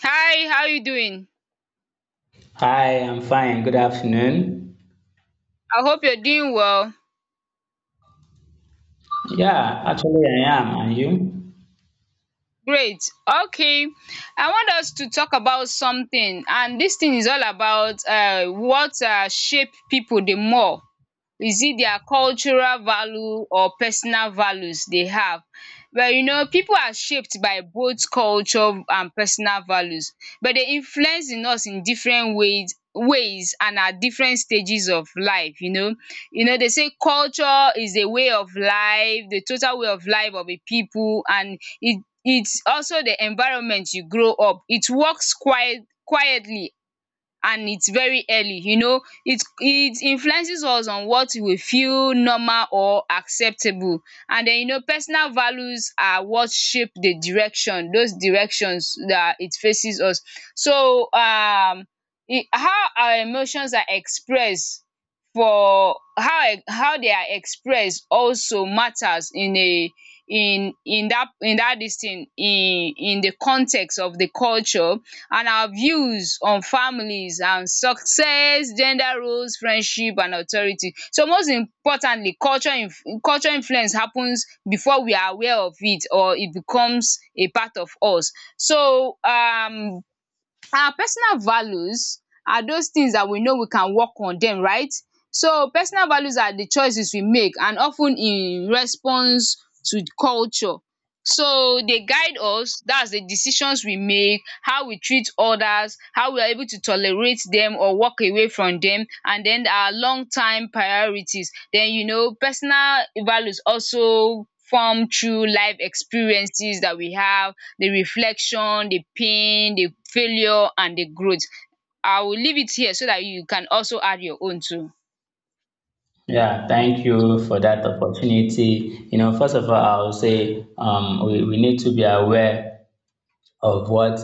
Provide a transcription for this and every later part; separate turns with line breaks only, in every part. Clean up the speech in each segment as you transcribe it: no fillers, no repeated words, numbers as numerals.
Hi, how you doing?
Hi, I'm fine. Good afternoon.
I hope you're doing well.
Yeah, actually, I am. And you?
Great. Okay. I want us to talk about something, and dis thing is all about what shape people the more. Is it their cultural value or personal values they have? Well, people are shaped by both culture and personal values, but they influence in us in different ways and at different stages of life. They say culture is a way of life, the total way of life of a people, and it's also the environment you grow up. It works quietly, and it's very early. It influences us on what we feel normal or acceptable. And then personal values are what shape the direction those directions that it faces us. So e how our emotions are expressed, for how they are expressed also matters in a in in that dis thing in the context of the culture, and our views on families and success, gender roles, friendship and authority. So most importantly, culture influence happens before we are aware of it or it becomes a part of us. So our personal values are those things that we know we can work on dem, right. So personal values are the choices we make, and of ten in response to culture. So they guide us, that's the decisions we make, how we treat others, how we are able to tolerate them or walk away from them, and then our long time priorities. Then personal values also form through life experiences that we have, the reflection, the pain, the failure and the growth. I will leave it here so that you can also add your own too.
Yeah, thank you for that opportunity. You know, first of all, I would say, we need to be aware of what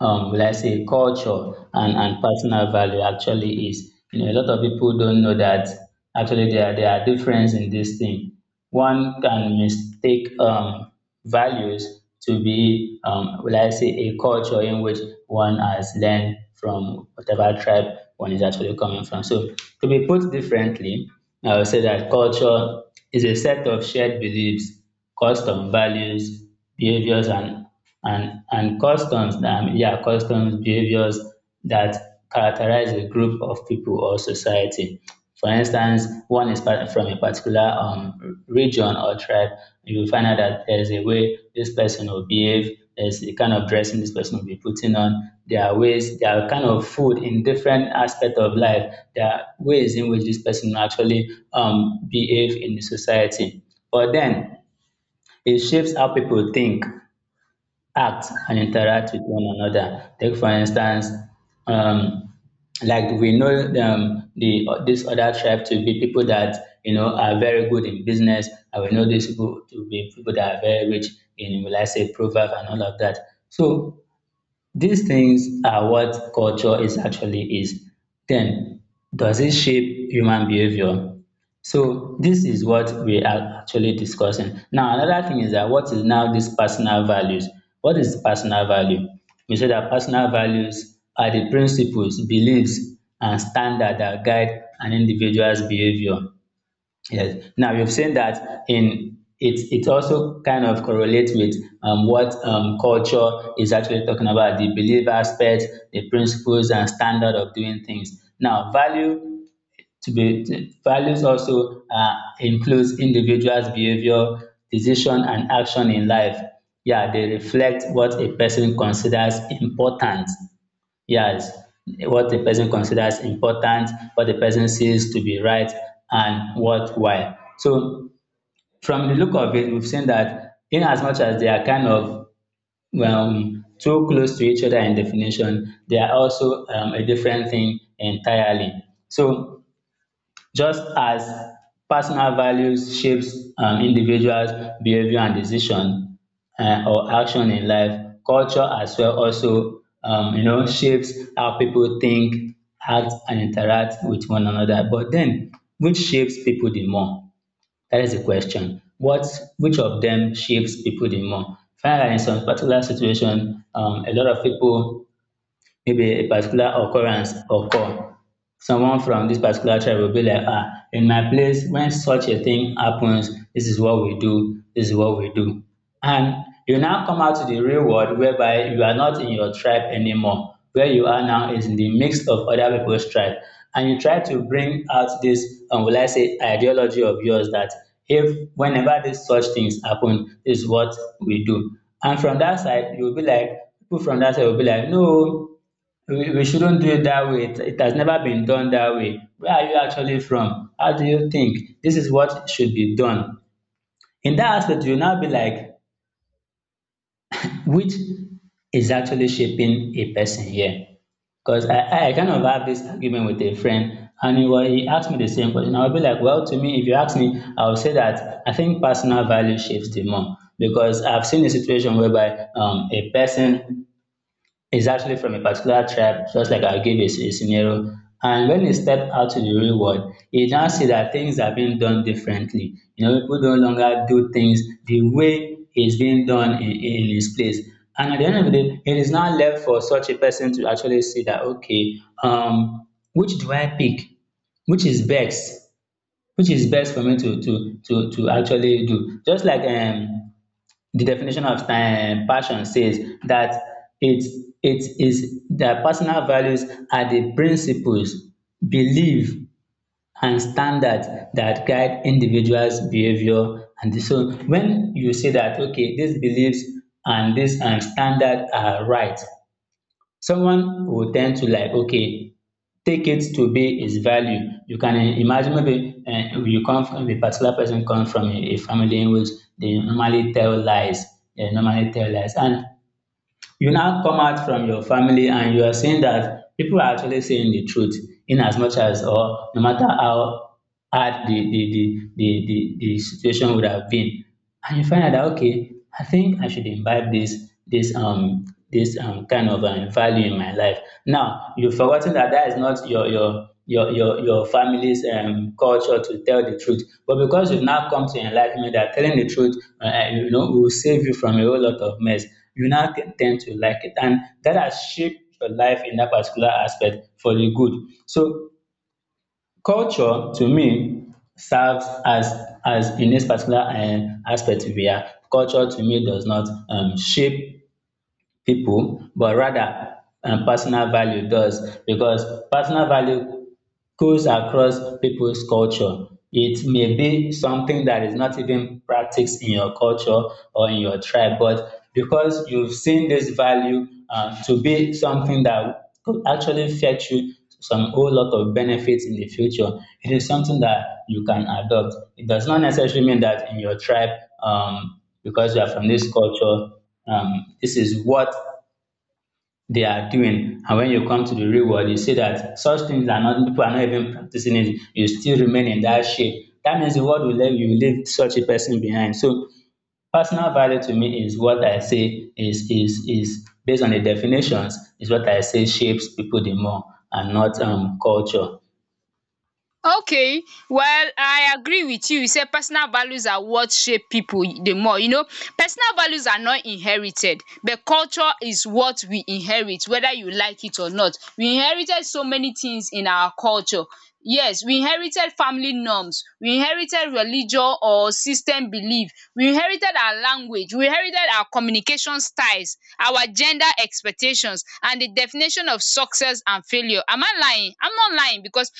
will I say culture and personal value actually is. You know, a lot of people don't know that actually there are difference in this thing. One can mistake values to be will I say a culture in which one has learned from whatever tribe one is actually coming from. So, to be put differently, I would say that culture is a set of shared beliefs, custom values, behaviors, and customs, yeah, customs, behaviors that characterize a group of people or society. For instance, one is from a particular region or tribe, you will find out that there's a way this person will behave, there's the kind of dressing this person will be putting on, there are ways, there are kind of food in different aspect of life, there are ways in which this person will actually behave in the society. But then it shapes how people think, act, and interact with one another. Take for instance, um, like we know, the this other tribe to be people that are very good in business, and we know these people to be people that are very rich in, will I say, proverb and all of that. So these things are what culture is actually is. Then, does it shape human behavior? So this is what we are actually discussing. Now, another thing is that, what is now this personal values? What is personal value? We say that personal values are the principles, beliefs, and standard that guide an individual's behavior. Yes. Now you've seen that in it also kind of correlates with, what, culture is actually talking about, the belief aspect, the principles and standard of doing things. Now, value values also, includes individuals' behavior, decision, and action in life. Yeah, they reflect what a person considers important. Yes, what the person considers important, what the person sees to be right and worthwhile. So from the look of it, we've seen that in as much as they are kind of, too close to each other in definition, they are also, a different thing entirely. So just as personal values shapes individuals' behavior and decision, or action in life, culture as well also, shapes how people think, act and interact with one another. But then, which shapes people the more? That is the question. What which of them shapes people the more? Find out, in some particular situation, a lot of people, maybe a particular occurrence occur, someone from this particular tribe will be like, in my place when such a thing happens, this is what we do, this is what we do. And you now come out to the real world whereby you are not in your tribe anymore, where you are now is in the mix of other people's tribe, and you try to bring out this, will I say, ideology of yours, that if whenever dis such things happen, dis is what we do. And from that side you will be like, people from that side will be like, no, we shouldn't do it that way. It has never been done that way. Where are you actually from? How do you think? This is what should be done. In that aspect, you'll now be like, which is actually shaping a person here? Because I kind of have this argument with a friend, and he asked me the same question. I'll be like, well, to me, if you ask me, I'll say that I think personal value shapes the more. Because I've seen a situation whereby, a person, it's actually from a particular tribe, just like I gave a scenario. And when he stepped out to the real world, he now see that things are being done differently. You know, people no longer do things the way it's being done in his place. And at the end of the day, it is now left for such a person to actually see that, okay, which do I pick? Which is best, which is best for me to actually do. Just like, the definition of, passion says that it it is their personal values are the principles, belief, and standards that guide individuals' behavior. And so, when you say that okay, these beliefs and this and standard are right, someone will tend to like, okay, take it to be its value. You can, imagine, maybe, you come from a particular, person comes from a family in which they normally tell lies. They normally tell lies, and you now come out from your family and you are seeing that people are actually saying the truth, in as much as, or no matter how hard the situation would have been, and you find out that, okay, I think I should imbibe this kind of, value in my life. Now you've forgotten that that is not your family's, culture, to tell the truth, but because you've now come to enlightenment that telling the truth, will save you from a whole lot of mess. You now tend to like it. And that has shaped your life in that particular aspect for the good. So culture to me serves as in this particular aspect we are. Culture to me does not shape people, but rather, personal value does, because personal value goes across people's culture. It may be something that is not even practiced in your culture or in your tribe, but because you've seen this value, to be something that could actually fetch you some whole lot of benefits in the future, it is something that you can adopt. It does not necessarily mean that in your tribe, because you are from this culture, this is what they are doing. And when you come to the real world, you see that such things are not, people are not even practicing it. You still remain in that shape. That means the world will leave you, leave such a person behind. So personal value to me is what I say is based on the definitions, is what I say shapes people the more, and not, culture.
Okay, well, I agree with you. You sey personal values are what shape people the more. Personal values are not inherited, but culture is what we inherit whether you like it or not. We inherited so many things in our culture. Yes, we inherited family norms, we inherited religion or system belief, we inherited our language, we inherited our communication styles, our gender expectations and the definition of success and failure. Am I lying? I'm not lying, because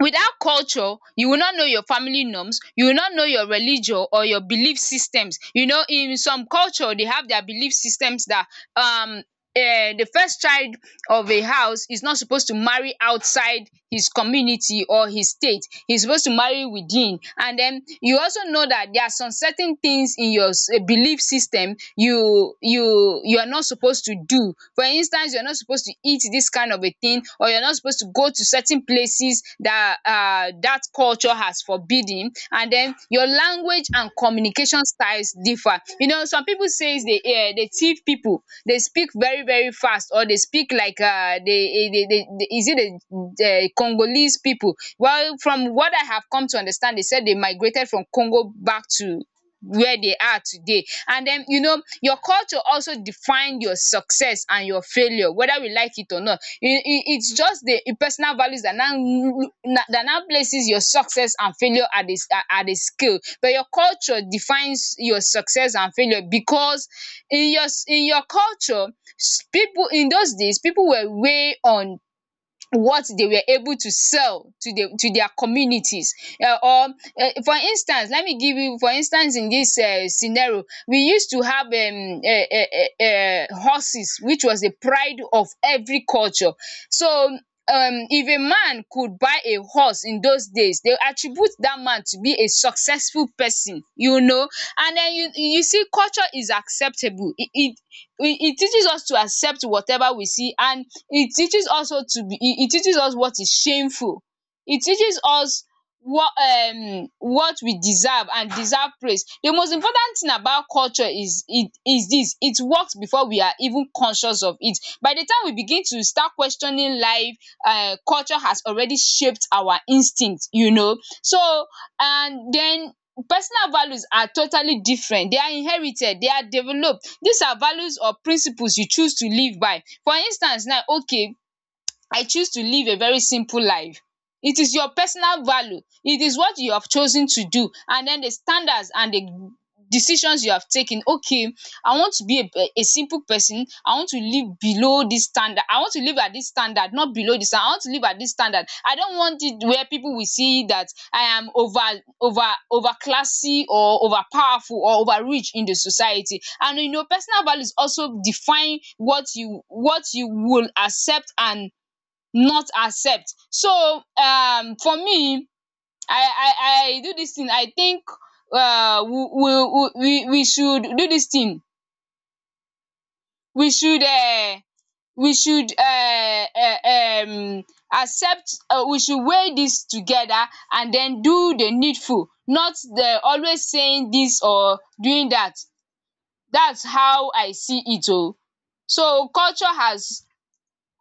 without culture, you will not know your family norms, you will not know your religion or your belief systems. You know, in some culture, they have their belief systems that um um the first child of a house is not supposed to marry outside his community or his state. He's supposed to marry within. And then you also know that there are some certain things in your belief system you are not supposed to do. For instance, you're not supposed to eat this kind of a thing, or you're not supposed to go to certain places that that culture has forbidden. And then your language and communication styles differ. You know, some people say they thief people. They speak very very fast, or they speak like they, is it the Congolese people? Well, from what I have come to understand, they said they migrated from Congo back to where they are today. And then, your culture also define your success and your failure, whether we like it or not. It's just the personal values that now places your success and failure at this at a scale. But your culture defines your success and failure because in your culture, people in those days, people were way on what they were able to sell to their communities, or for instance let me give you, for instance, in this scenario. We used to have horses, which was the pride of every culture. So if a man could buy a horse in those days, they attribute that man to be a successful person. And then you see culture is acceptable. It teaches us to accept whatever we see, and it teaches us what is shameful. It teaches us what we deserve and deserve praise. The most important thing about culture is it is this: it works before we are even conscious of it. By the time we begin to start questioning life, culture has already shaped our instinct. So and den personal values are totally different. They are inherited, they are developed. These are values or principles you choose to live by. For instance now, okay, I choose to live a very simple life. It is your personal value. It is what you have chosen to do, and then the standards and the decisions you have taken. Okay, I want to be a simple person. I want to live below this standard. I want to live at this standard, not below this. I want to live at this standard. I don't want it where people will see that I am over classy, or over powerful or over rich in the society. And personal values also define what you will accept and not accept. So for me, I do dis thing. I think we should do dis thing. We should we should uh, uh um accept. We should weigh dis together and den do the needful, not the always saying dis or doing dat. Dats how I see it oo. So culture has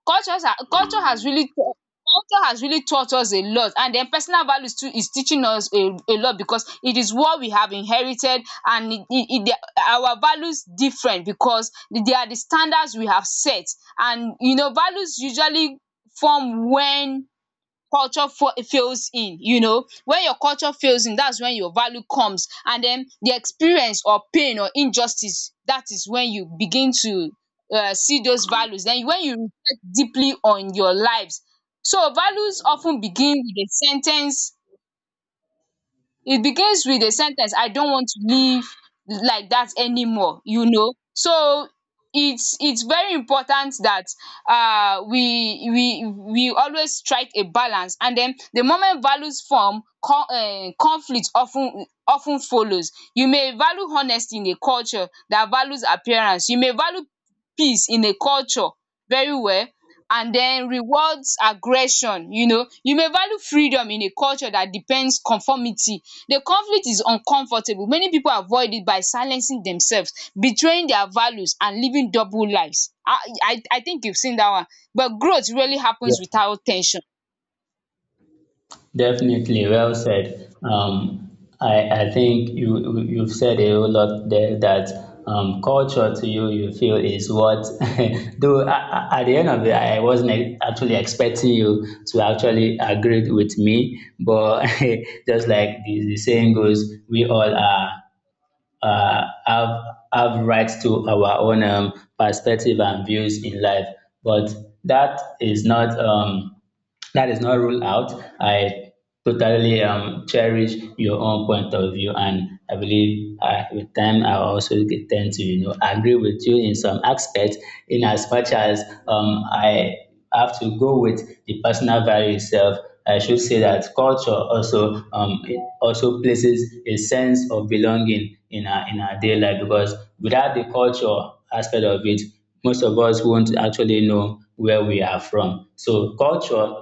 Cultures are culture has really taught us a lot. And then personal values too is teaching us a lot, because it is what we have inherited. And our values different, because they are the standards we have set. And values usually form when culture fails in you know when your culture fails in, that's when your value comes. And then the experience or pain or injustice, that is when you begin to see those values, then when you reflect deeply on your lives. So values often begin with a sentence. It begins with a sen ten ce. I don't want to live like that anymore, so it's very important that we always strike a balance. And then the moment values form, conflict of ten follows. You may value honesty in a culture that values appearance. You may value peace in a culture, very well, and then rewards aggression. You may value freedom in a culture that depends conformity. The conflict is uncomfortable. Many people avoid it by silencing themselves, betraying their values and living double lives. I think you've seen that one. But growth really happens
Yeah.
without tension.
Definitely, well said. I think you've said a whole lot there that, culture to you, you feel, is what. Though, at the end of it, I wasn't actually expecting you to actually agree with me, but just like the saying goes, we all are uh, have have rights to our own, perspective and views in life. But that is not um, that is not ruled out. I totally, cherish your own point of view, and I believe, with time I also tend to, agree with you in some aspects. In as much as, I have to go with the personal value itself. I should say that culture also it also places a sense of belonging in our daily life, because without the culture aspect of it, most of us won't actually know where we are from. So culture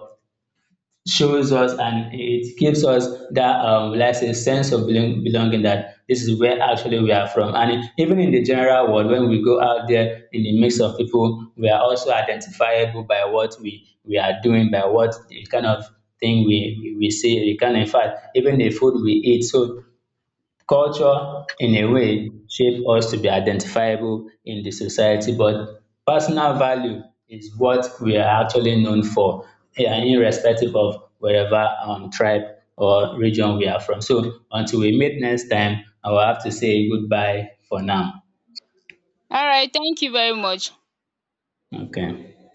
shows us and it gives us that, let's say, sense of belonging, that this is where actually we are from. And even in the general world, when we go out there in the mix of people, we are also identifiable by what we are doing, by what the kind of thing we say we can, in fact, even the food we eat. So culture in a way shape us to be identifiable in the society, but personal value is what we are actually known for, yeah, irrespective of wherever tribe or region we are from. So until we meet next time, I will have to say goodbye for now.
All right, thank you very much.
Okay.